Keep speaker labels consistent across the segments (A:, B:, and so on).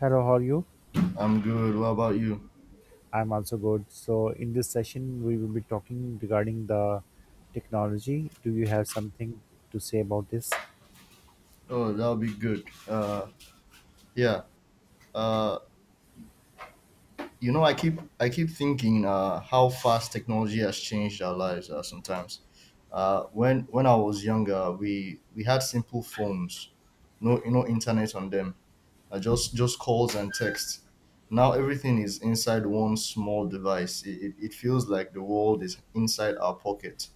A: Hello, how are you?
B: I'm good. What about you?
A: I'm also good. In this session, we will be talking regarding the technology. Do you have something to say about this?
B: Oh, that'll be good. Yeah. Uh, I keep thinking how fast technology has changed our lives. Sometimes, when I was younger, we had simple phones, no internet on them. Just calls and text. Now everything is inside one small device. It feels like the world is inside our pocket.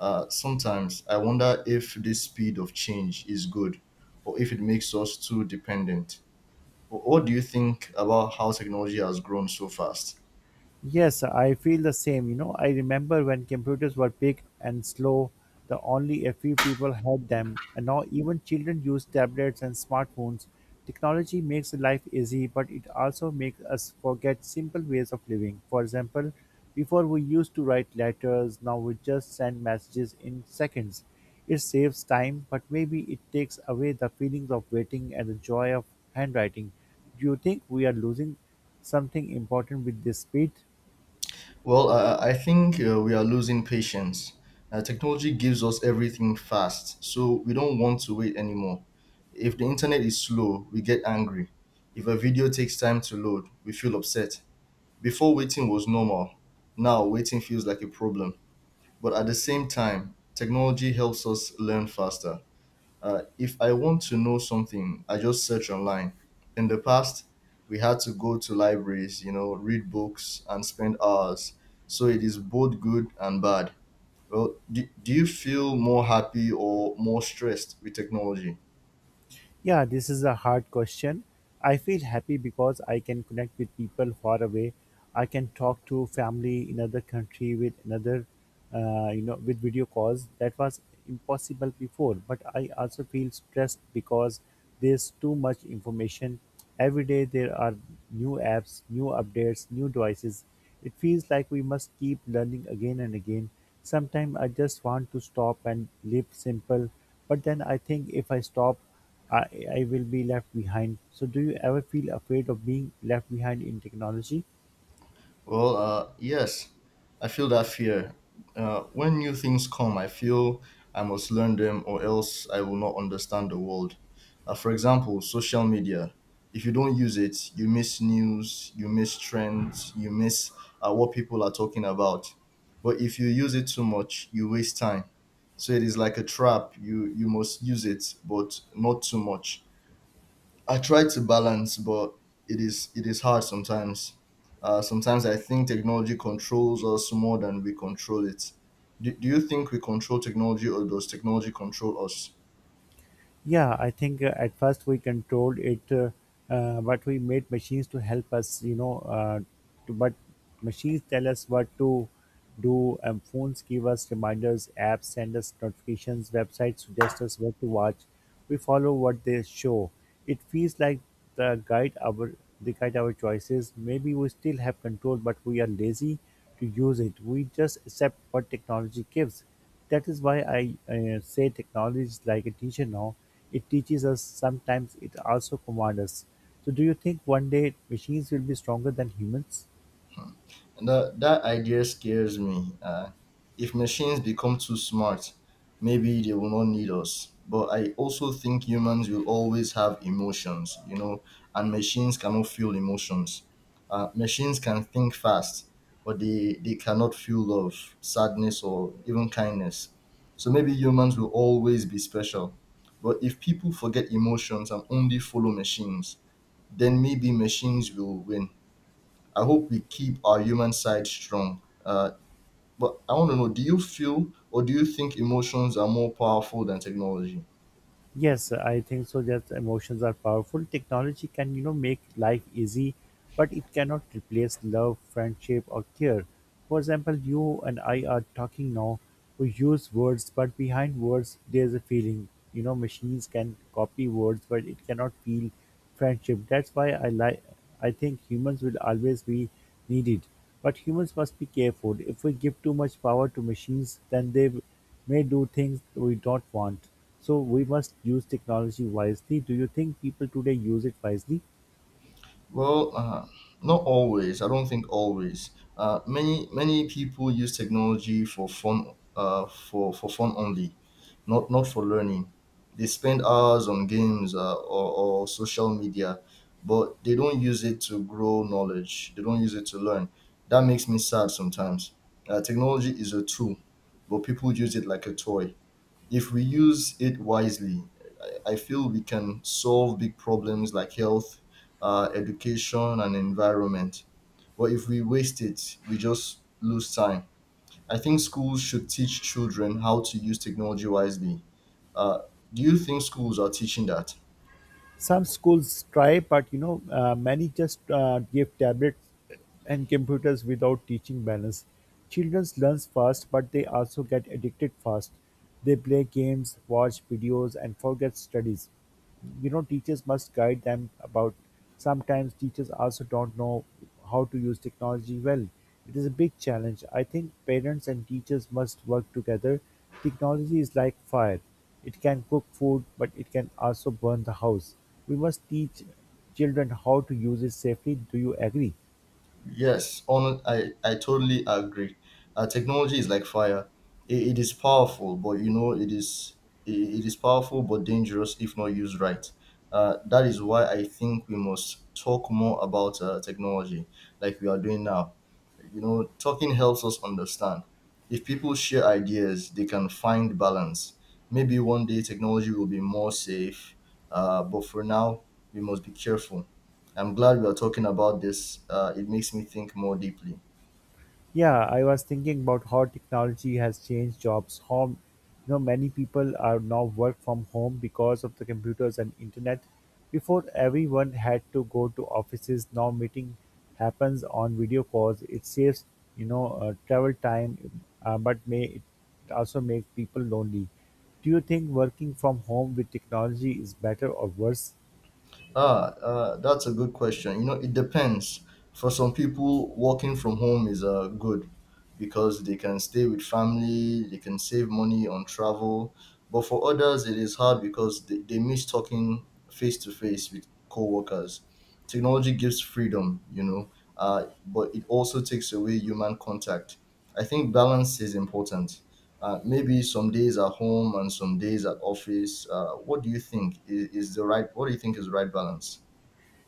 B: Sometimes I wonder if this speed of change is good or if it makes us too dependent. What do you think about how technology has grown so fast?
A: Yes, I feel the same. You know, I remember when computers were big and slow, the only a few people had them, and now even children use tablets and smartphones. Technology makes life easy, but it also makes us forget simple ways of living. For example, before we used to write letters, now we just send messages in seconds. It saves time, but maybe it takes away the feelings of waiting and the joy of handwriting. Do you think we are losing something important with this speed?
B: Well, I think we are losing patience. Technology gives us everything fast, so we don't want to wait anymore. If the internet is slow, we get angry. If a video takes time to load, we feel upset. Before waiting was normal, now waiting feels like a problem. But at the same time, technology helps us learn faster. If I want to know something, I just search online. In the past, we had to go to libraries, you know, read books and spend hours. So it is both good and bad. Well, do you feel more happy or more stressed with technology?
A: Yeah, this is a hard question. I feel happy because I can connect with people far away. I can talk to family in other country with another, you know, with video calls. That was impossible before. But I also feel stressed because there's too much information. Every day there are new apps, new updates, new devices. It feels like we must keep learning again and again. Sometimes I just want to stop and live simple, but then I think if I stop, I will be left behind. So, do you ever feel afraid of being left behind in technology?
B: Well, yes, I feel that fear. When new things come, I feel I must learn them or else I will not understand the world. For example, social media. If you don't use it, you miss news, you miss trends, you miss what people are talking about. But if you use it too much, you waste time. So it is like a trap. You must use it, but not too much. I try to balance, but it is hard sometimes. Sometimes I think technology controls us more than we control it. Do you think we control technology, or does technology control us?
A: Yeah, I think at first we controlled it, but we made machines to help us, you know. But machines tell us what to do, and phones give us reminders, apps send us notifications, websites suggest us what to watch. We follow what they show. It feels like the guide our they guide our choices. Maybe we still have control, but we are lazy to use it. We just accept what technology gives. That is why I say technology is like a teacher now. It teaches us, sometimes it also commands us. So, do you think one day machines will be stronger than humans?
B: Hmm. That idea scares me. If machines become too smart, maybe they will not need us. But I also think humans will always have emotions, you know, and machines cannot feel emotions. Machines can think fast, but they cannot feel love, sadness, or even kindness. So maybe humans will always be special. But if people forget emotions and only follow machines, then maybe machines will win. I hope we keep our human side strong. But I want to know, do you feel or do you think emotions are more powerful than technology?
A: Yes, I think so. That emotions are powerful. Technology can, you know, make life easy, but it cannot replace love, friendship, or care. For example, you and I are talking now. We use words, but behind words, there's a feeling. You know, machines can copy words, but it cannot feel friendship. That's why I like. I think humans will always be needed, but humans must be careful. If we give too much power to machines, then they may do things we don't want. So we must use technology wisely. Do you think people today use it wisely?
B: Well, not always. I don't think always. Many people use technology for fun, for fun only, not for learning. They spend hours on games or social media, but they don't use it to grow knowledge. They don't use it to learn. That makes me sad sometimes. Technology is a tool, but people use it like a toy. If we use it wisely, I feel we can solve big problems like health, education, and environment. But if we waste it, we just lose time. I think schools should teach children how to use technology wisely. Uh, do you think schools are teaching that?
A: Some schools try, but you know, many just give tablets and computers without teaching balance. Children learn fast, but they also get addicted fast. They play games, watch videos, and forget studies. You know, teachers must guide them about. Sometimes teachers also don't know how to use technology well. It is a big challenge. I think parents and teachers must work together. Technology is like fire. It can cook food, but it can also burn the house. We must teach children how to use it safely. Do you agree?
B: Yes, on I totally agree. Technology is like fire. It is powerful, but you know it is powerful but dangerous if not used right. That is why I think we must talk more about technology, like we are doing now. You know, talking helps us understand. If people share ideas, they can find balance. Maybe one day technology will be more safe, but for now, we must be careful. I'm glad we are talking about this. It makes me think more deeply.
A: Yeah, I was thinking about how technology has changed jobs. Home, you know, many people are now work from home because of the computers and internet. Before everyone had to go to offices, now meeting happens on video calls. It saves, you know, travel time, but may it also make people lonely. Do you think working from home with technology is better or worse?
B: Ah, that's a good question. You know, it depends. For some people, working from home is good because they can stay with family, they can save money on travel. But for others, it is hard because they miss talking face to face with coworkers. Technology gives freedom, you know, but it also takes away human contact. I think balance is important. Maybe some days at home and some days at office. What do you think is the right? What do you think is the right balance?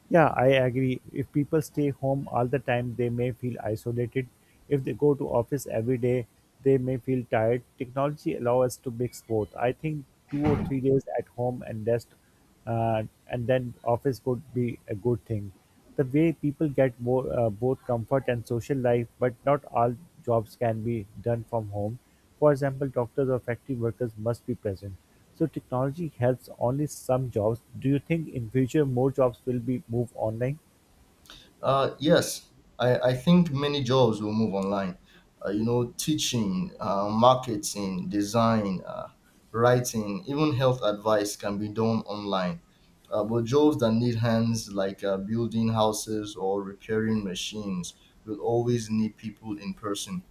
A: Yeah, I agree. If people stay home all the time, they may feel isolated. If they go to office every day, they may feel tired. Technology allows us to mix both. I think two or three days at home and rest, and then office would be a good thing. The way people get both comfort and social life but not all jobs can be done from home. For example, doctors or factory workers must be present. So technology helps only some jobs. Do you think in future more jobs will be moved online?
B: Yes, I think many jobs will move online. You know, teaching, marketing, design, writing, even health advice can be done online. But jobs that need hands, like building houses or repairing machines, will always need people in person.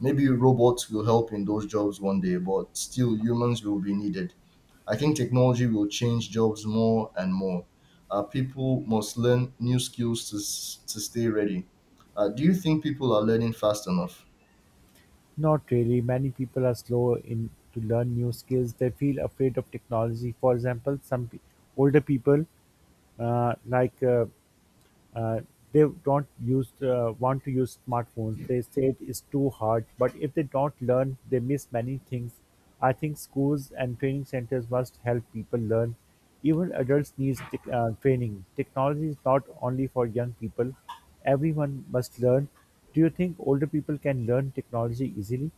B: Maybe robots will help in those jobs one day, but still humans will be needed. I think technology will change jobs more and more. People must learn new skills to, to stay ready. Do you think people are learning fast enough?
A: Not really. Many people are slow in to learn new skills. They feel afraid of technology. For example, older people uh, like uh, uh, they don't use want to use smartphones. They say it's too hard, but if they don't learn, they miss many things. I think schools and training centers must help people learn. Even adults need tech training. Technology is not only for young people. Everyone must learn. Do you think older people can learn technology easily?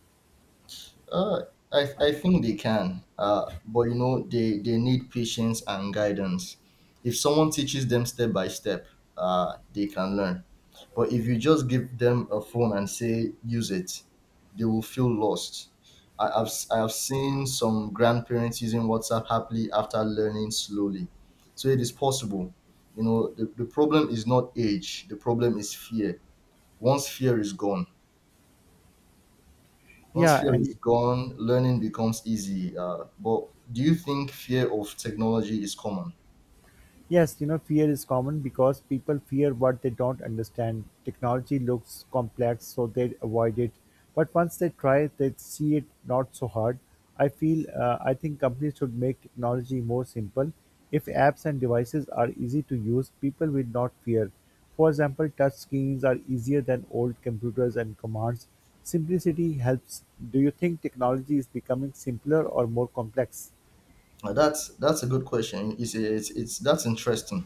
B: Uh, I think they can, but you know, they need patience and guidance. If someone teaches them step by step, they can learn. But if you just give them a phone and say, use it, they will feel lost. I've, I've seen some grandparents using WhatsApp happily after learning slowly. So it is possible. You know, the problem is not age, the problem is fear. Once fear is gone, Once
A: Yeah,
B: fear is
A: and
B: gone, learning becomes easy. But do you think fear of technology is common?
A: Yes, you know, fear is common because people fear what they don't understand. Technology looks complex, so they avoid it. But once they try, they see it not so hard. I think companies should make technology more simple. If apps and devices are easy to use, people will not fear. For example, touch screens are easier than old computers and commands. Simplicity helps. Do you think technology is becoming simpler or more complex?
B: That's a good question. It's that's interesting.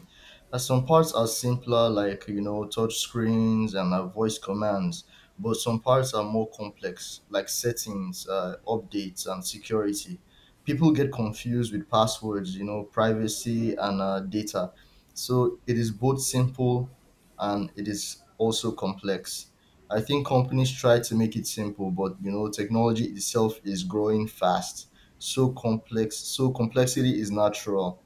B: Some parts are simpler, like you know, touch screens and voice commands, but some parts are more complex, like settings, updates, and security. People get confused with passwords, you know, privacy and data. So it is both simple and it is also complex. I think companies try to make it simple, but you know, technology itself is growing fast, so complexity is natural.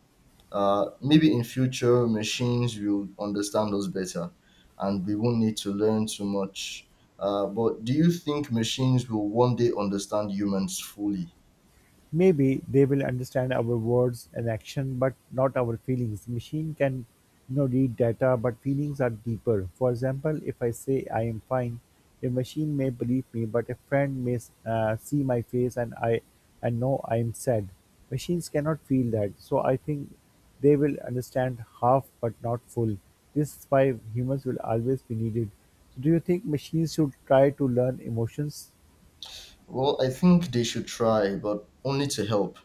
B: Maybe in future machines will understand us better, and we won't need to learn too much. But do you think machines will one day understand humans fully?
A: Maybe they will understand our words and action, but not our feelings. Machine can, you know, read data, but feelings are deeper. For example, if I say I am fine, a machine may believe me, but a friend may see my face and know I am sad. Machines cannot feel that, so I think they will understand half but not full. This is why humans will always be needed. So do you think machines should try to learn emotions?
B: Well, I think they should try, but only to help,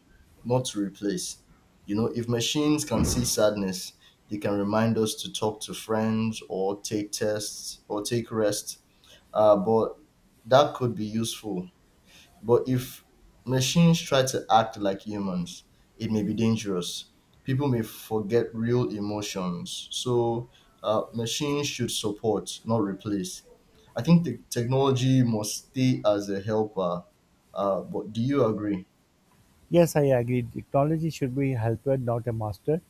B: not to replace. You know, if machines can see sadness, they can remind us to talk to friends or take tests or take rest. But that could be useful. But if machines try to act like humans, it may be dangerous. People may forget real emotions. So machines should support, not replace. I think the technology must stay as a helper. But do you agree?
A: Yes, I agree. Technology should be a helper, not a master.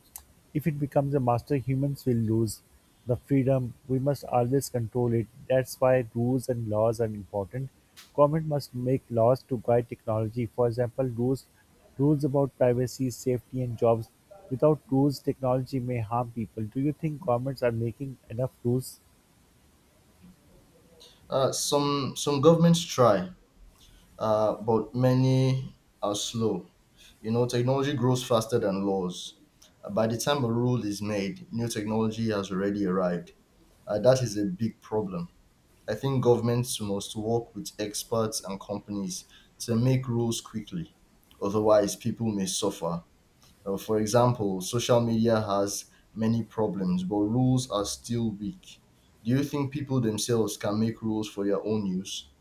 A: If it becomes a master, humans will lose the freedom. We must always control it. That's why rules and laws are important. Government must make laws to guide technology. For example, rules about privacy, safety, and jobs. Without rules, technology may harm people. Do you think governments are making enough rules?
B: Some governments try, but many are slow. You know, technology grows faster than laws. By the time a rule is made, new technology has already arrived. That is a big problem. I think governments must work with experts and companies to make rules quickly. Otherwise, people may suffer. For example, social media has many problems, but rules are still weak. Do you think people themselves can make rules for their own use?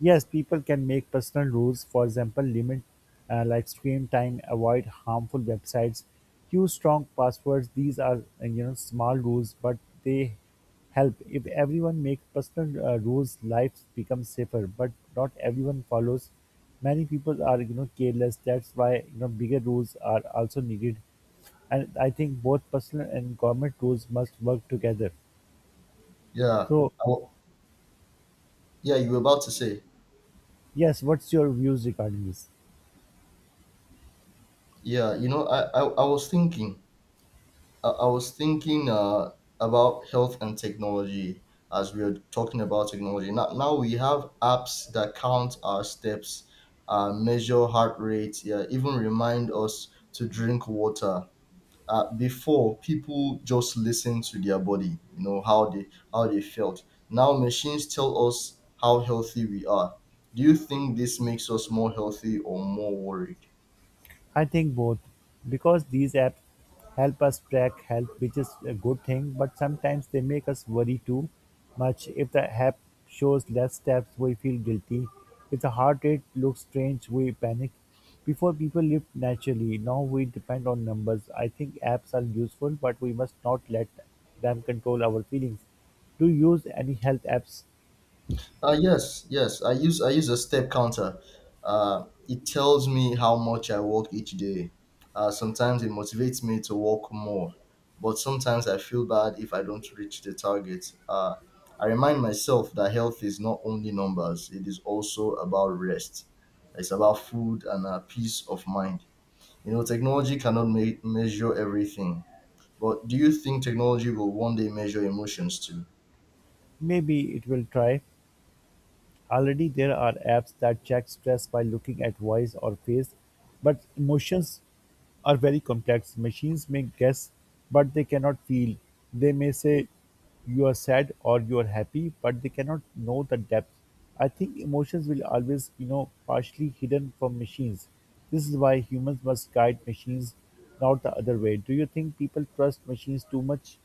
A: Yes, people can make personal rules. For example, limit like screen time, avoid harmful websites, use strong passwords. These are small rules, but they help. If everyone make personal rules, life becomes safer. But not everyone follows. Many people are you know careless. That's why you know bigger rules are also needed. And I think both personal and government rules must work together.
B: Yeah,
A: So
B: I wa- yeah, you were about to say.
A: yes, what's your views regarding this?
B: Yeah, you know, I was thinking, I was thinking about health and technology, as we are talking about technology. Now we have apps that count our steps, measure heart rate, yeah, even remind us to drink water. Before, people just listened to their body, you know, how they felt. Now machines tell us how healthy we are. Do you think this makes us more healthy or more worried?
A: I think both, because these apps help us track health, which is a good thing, but sometimes they make us worry too much. If the app shows less steps, we feel guilty. If the heart rate looks strange, we panic. Before people lived naturally, now we depend on numbers. I think apps are useful, but we must not let them control our feelings. Do you use any health apps?
B: Yes. I use a step counter. It tells me how much I walk each day. Sometimes it motivates me to walk more, but sometimes I feel bad if I don't reach the target. I remind myself that health is not only numbers; it is also about rest. It's about food and peace of mind. You know, technology cannot measure everything, but do you think technology will one day measure emotions too?
A: Maybe it will try. Already there are apps that check stress by looking at voice or face, but emotions are very complex. Machines may guess, but they cannot feel. They may say you are sad or you are happy, but they cannot know the depth. I think emotions will always, you know, partially hidden from machines. This is why humans must guide machines, not the other way. Do you think people trust machines too much?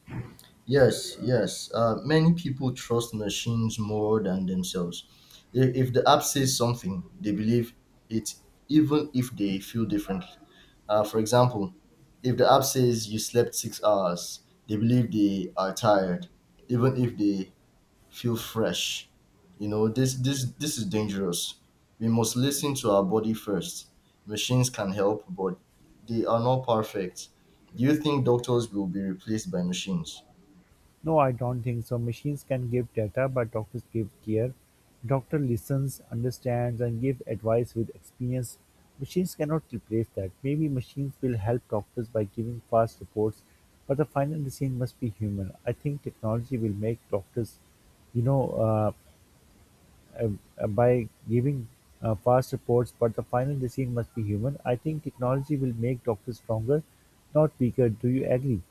B: Yes, yes. Many people trust machines more than themselves. If the app says something, they believe it, even if they feel differently. For example, if the app says you slept 6 hours, they believe they are tired, even if they feel fresh. You know this is dangerous. We must listen to our body first. Machines can help, but they are not perfect. Do you think doctors will be replaced by machines?
A: No, I don't think so. Machines can give data, but doctors give care. Doctor listens, understands, and give advice with experience. Machines cannot replace that. Maybe machines will help doctors by giving fast reports, but the final decision must be human. I think technology will make doctors, you know, uh, by giving fast reports, but the final decision must be human. I think technology will make doctors stronger, not weaker. Do you agree?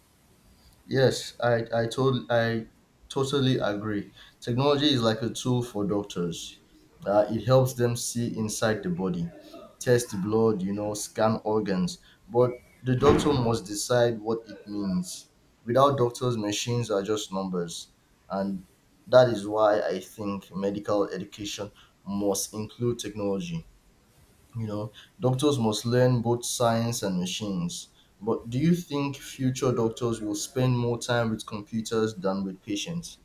B: Yes, I totally agree. Technology is like a tool for doctors. It helps them see inside the body, test the blood, you know, scan organs. But the doctor must decide what it means. Without doctors, machines are just numbers, and that is why I think medical education must include technology. You know, doctors must learn both science and machines. But do you think future doctors will spend more time with computers than with patients?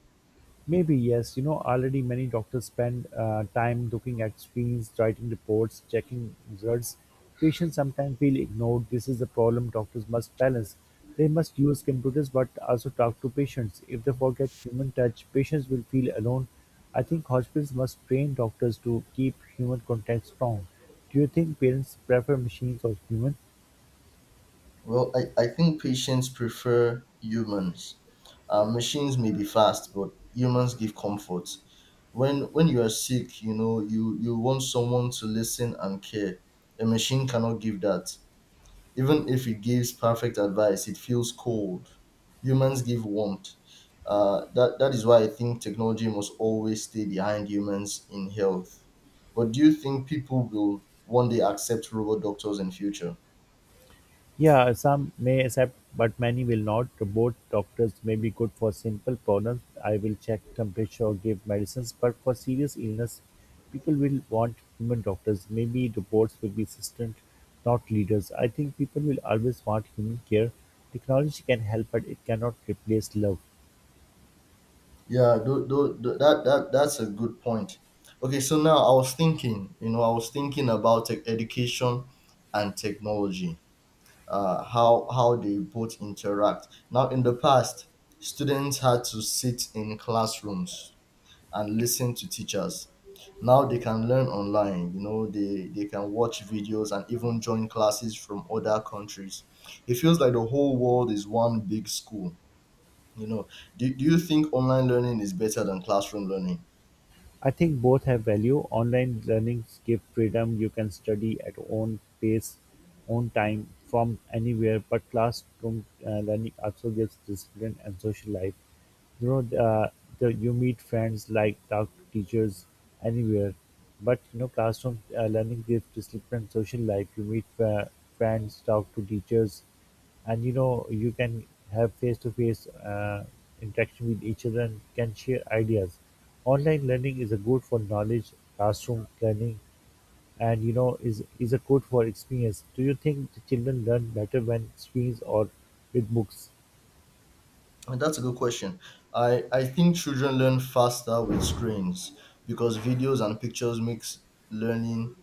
A: Maybe, yes. You know, already many doctors spend time looking at screens, writing reports, checking results. Patients sometimes feel ignored. This is a problem doctors must balance. They must use computers but also talk to patients. If they forget human touch, patients will feel alone. I think hospitals must train doctors to keep human contact strong. Do you think parents prefer machines or human?
B: Well, I think patients prefer humans. Machines may be fast, but humans give comfort. When you are sick, you know you want someone to listen and care. A machine cannot give that. Even if it gives perfect advice, it feels cold. Humans give warmth. That is why I think technology must always stay behind humans in health. But do you think people will one day accept robot doctors in future?
A: Yeah, some may accept, but many will not. Both doctors may be good for simple problems. I will check temperature or give medicines, but for serious illness, people will want human doctors. Maybe robots will be assistant, not leaders. I think people will always want human care. Technology can help, but it cannot replace love.
B: Yeah, that's a good point. Okay, so now I was thinking, you know, I was thinking about tech education and technology, how they both interact. Now, in the past, students had to sit in classrooms and listen to teachers. Now they can learn online. You know, they can watch videos and even join classes from other countries. It feels like the whole world is one big school. You know, do you think online learning is better than classroom learning?
A: I think both have value. Online learnings give freedom. You can study at own pace, own time, from anywhere. But classroom learning also gives discipline and social life. You know, you meet friends like talk to teachers anywhere, but you know, classroom learning gives this social life. You meet friends, talk to teachers, and you know, you can have face to face interaction with each other and can share ideas. Online learning is a good for knowledge, classroom learning, and you know, is a good for experience. Do you think the children learn better when screens or with books?
B: And that's a good question. I think children learn faster with screens because videos and pictures makes learning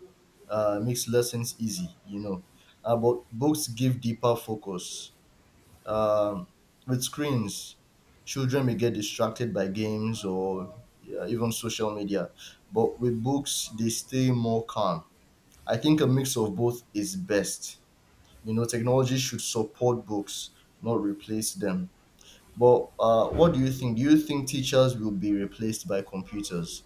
B: makes lessons easy. But books give deeper focus. Um, with screens, children may get distracted by games or, yeah, even social media. But with books, they stay more calm. I think a mix of both is best. You know, technology should support books, not replace them. But what do you think? Do you think teachers will be replaced by computers?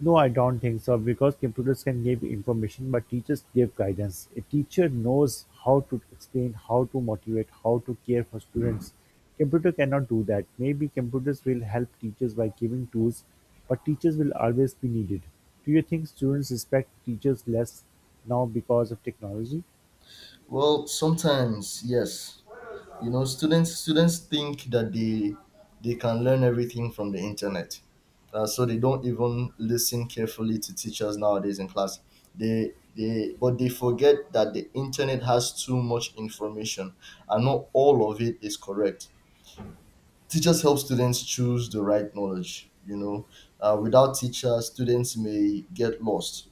A: No, I don't think so because computers can give information, but teachers give guidance. A teacher knows how to explain, how to motivate, how to care for students. Computer cannot do that. Maybe computers will help teachers by giving tools, but teachers will always be needed. Do you think students respect teachers less now because of technology?
B: Well, sometimes, yes, you know, students think that they can learn everything from the internet, so they don't even listen carefully to teachers nowadays in class. They they but they forget that the internet has too much information and not all of it is correct. Teachers help students choose the right knowledge, you know. Without teachers, students may get lost.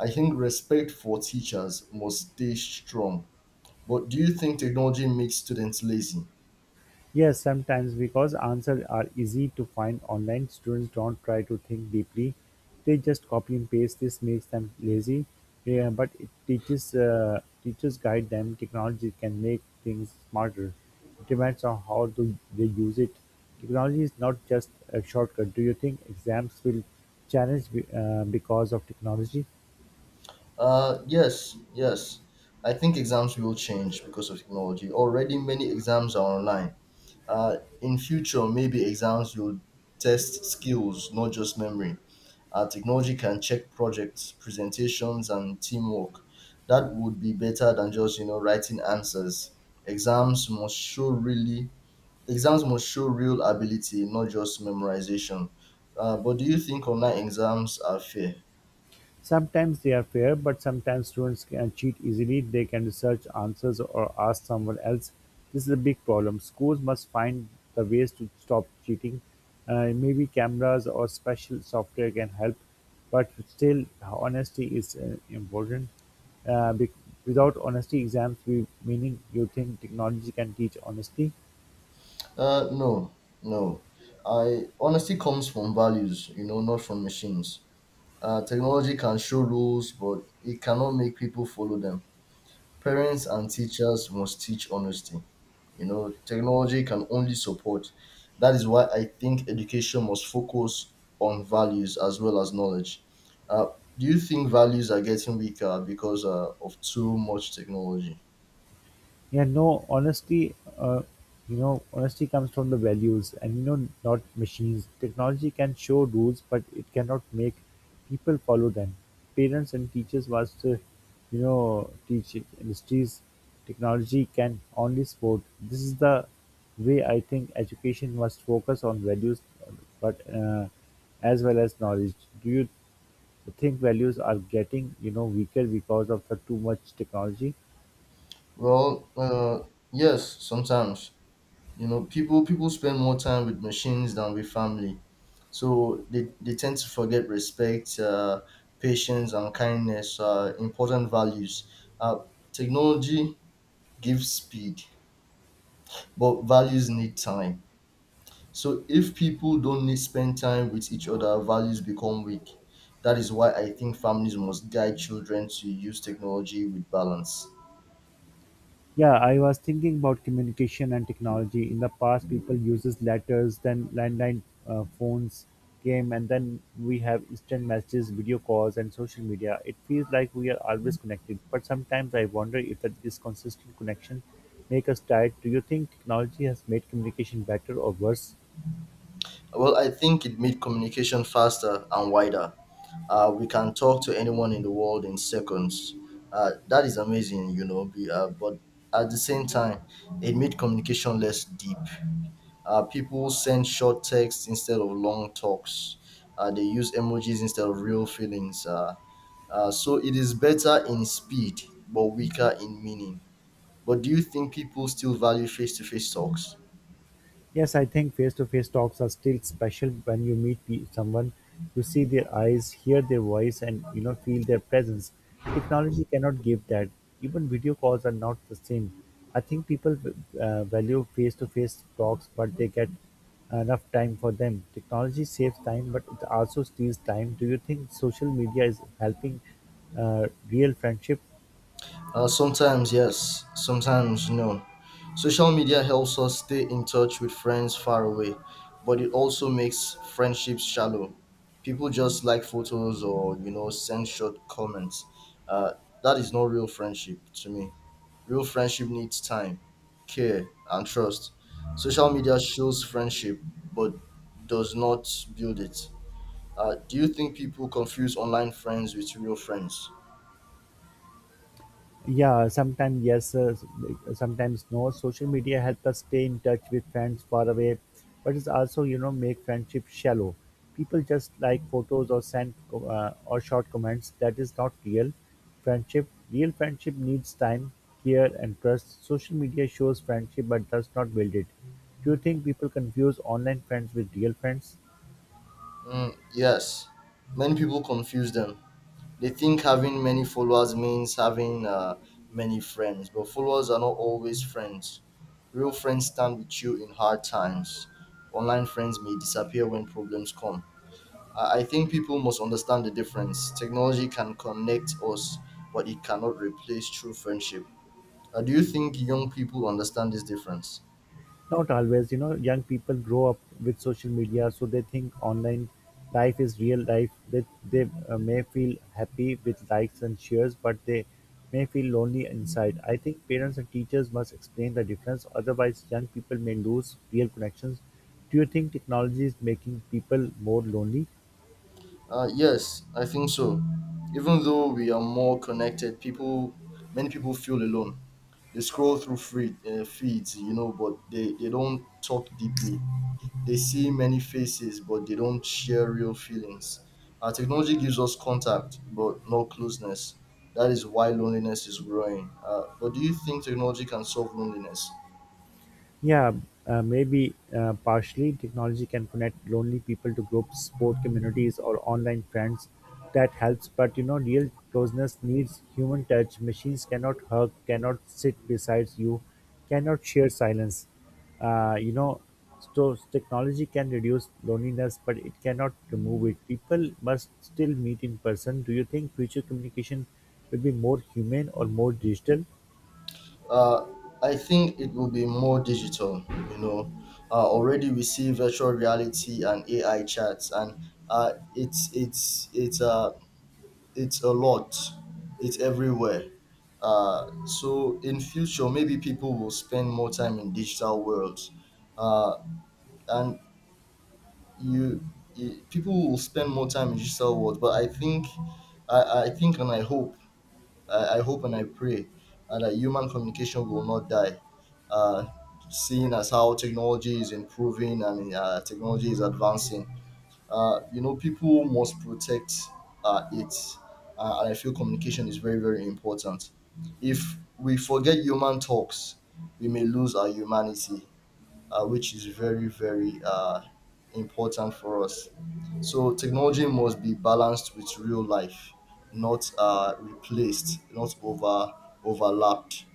B: I think respect for teachers must stay strong. But do you think technology makes students lazy?
A: Yes, sometimes because answers are easy to find online, students don't try to think deeply. They just copy and paste. This makes them lazy, yeah, but it teaches teachers guide them. Technology can make things smarter. It depends on how do they use it. Technology is not just a shortcut. Do you think exams will because of technology?
B: Yes. I think exams will change because of technology. Already, many exams are online. In future, maybe exams will test skills, not just memory. Technology can check projects, presentations, and teamwork. That would be better than just, you know, writing answers. Exams must show really. Exams must show real ability, not just memorization. But do you think online exams are fair?
A: Sometimes they are fair, but sometimes students can cheat easily. They can research answers or ask someone else. This is a big problem. Schools must find the ways to stop cheating. Maybe cameras or special software can help, but still, honesty is important. Without honesty, exams will meaning you think technology can teach honesty.
B: Uh, no, no. I Honesty comes from values, you know, not from machines. Technology can show rules, but it cannot make people follow them. Parents and teachers must teach honesty. You know, technology can only support. That is why I think education must focus on values as well as knowledge. Uh, do you think values are getting weaker because of too much technology?
A: Yeah, no, honesty, you know, honesty comes from the values and, you know, not machines. Technology can show rules, but it cannot make people follow them. Parents and teachers must, you know, teach it. Industries, technology can only support. This is the way I think education must focus on values, but as well as knowledge. Do you think values are getting, you know, weaker because of the too much technology?
B: Well, yes, sometimes, you know, people spend more time with machines than with family, so they tend to forget respect, patience, and kindness, important values uh, technology gives speed, but values need time. So if people don't need spend time with each other, values become weak. That is why I think families must guide children to use technology with balance.
A: Yeah, I was thinking about communication and technology. In the past, people uses letters, then landline phones came, and then we have instant messages, video calls, and social media. It feels like we are always connected, but sometimes I wonder if that this consistent connection make us tired. Do you think technology has made communication better or worse?
B: Well, I think it made communication faster and wider. We can talk to anyone in the world in seconds. That is amazing, you know. But at the same time, it made communication less deep. People send short texts instead of long talks. They use emojis instead of real feelings. So it is better in speed, but weaker in meaning. But do you think people still value face to face talks?
A: Yes, I think face-to-face talks are still special when you meet someone, you see their eyes, hear their voice, and you know feel their presence. Technology cannot give that. Even video calls are not the same. I think people value face-to-face talks, but they get enough time for them. Technology saves time, but it also steals time. Do you think social media is helping real friendship?
B: Sometimes yes, sometimes no. Social media helps us stay in touch with friends far away, but it also makes friendships shallow. People just like photos or, you know, send short comments. Uh, that is not real friendship to me. Real friendship needs time, care, and trust. Social media shows friendship but does not build it. Do you think people confuse online friends with real friends?
A: Yeah, sometimes yes, sometimes no. Social media help us stay in touch with friends far away, but it's also you know make friendship shallow. People just like photos or or short comments. That is not real friendship. Real friendship needs time, care, and trust. Social media shows friendship but does not build it. Do you think people confuse online friends with real friends?
B: Mm, yes, many people confuse them. They think having many followers means having many friends, but followers are not always friends. Real friends stand with you in hard times. Online friends may disappear when problems come. I think people must understand the difference. Technology can connect us, but it cannot replace true friendship. Do you think young people understand this difference?
A: Not always, you know, young people grow up with social media, so they think online life is real life. They may feel happy with likes and shares, but they may feel lonely inside. I think parents and teachers must explain the difference, otherwise, young people may lose real connections. Do you think technology is making people more lonely?
B: Yes, I think so. Even though we are more connected, many people feel alone. They scroll through feeds, you know, but they don't talk deeply. They see many faces, but they don't share real feelings. Our technology gives us contact, but no closeness. That is why loneliness is growing. But do you think technology can solve loneliness?
A: Yeah, maybe partially technology can connect lonely people to groups, sport communities, or online friends. That helps, but you know, real closeness needs human touch. Machines cannot hug, cannot sit beside you, cannot share silence. You know, so technology can reduce loneliness, but it cannot remove it. People must still meet in person. Do you think future communication will be more human or more digital?
B: Uh, I think it will be more digital, you know. Already we see virtual reality and AI chats, and uh, it's it's it's uh, it's a lot. It's everywhere. So in future, maybe people will spend more time in digital worlds, uh, and you, you people will spend more time in digital worlds. But I think, and I hope and I pray that human communication will not die. Uh, seeing as how technology is improving and, technology is advancing, you know, people must protect it. And I feel communication is very, very important. If we forget human talks, we may lose our humanity, which is very, very important for us. So technology must be balanced with real life, not replaced, not overlapped,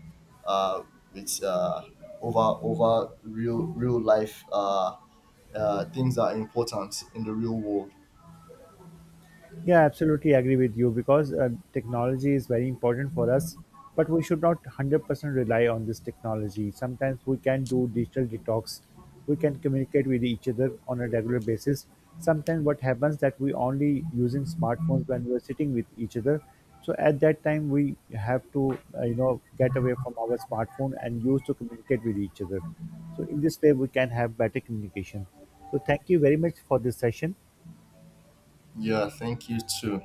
B: uh, with over over real life, things that are important in the real world.
A: Yeah, absolutely agree with you because technology is very important for us, but we should not 100% rely on this technology. Sometimes we can do digital detox. We can communicate with each other on a regular basis. Sometimes what happens that we only using smartphones when we're sitting with each other. So at that time we have to you know get away from our smartphone and use to communicate with each other. So in this way we can have better communication. So thank you very much for this session.
B: Yeah, thank you too.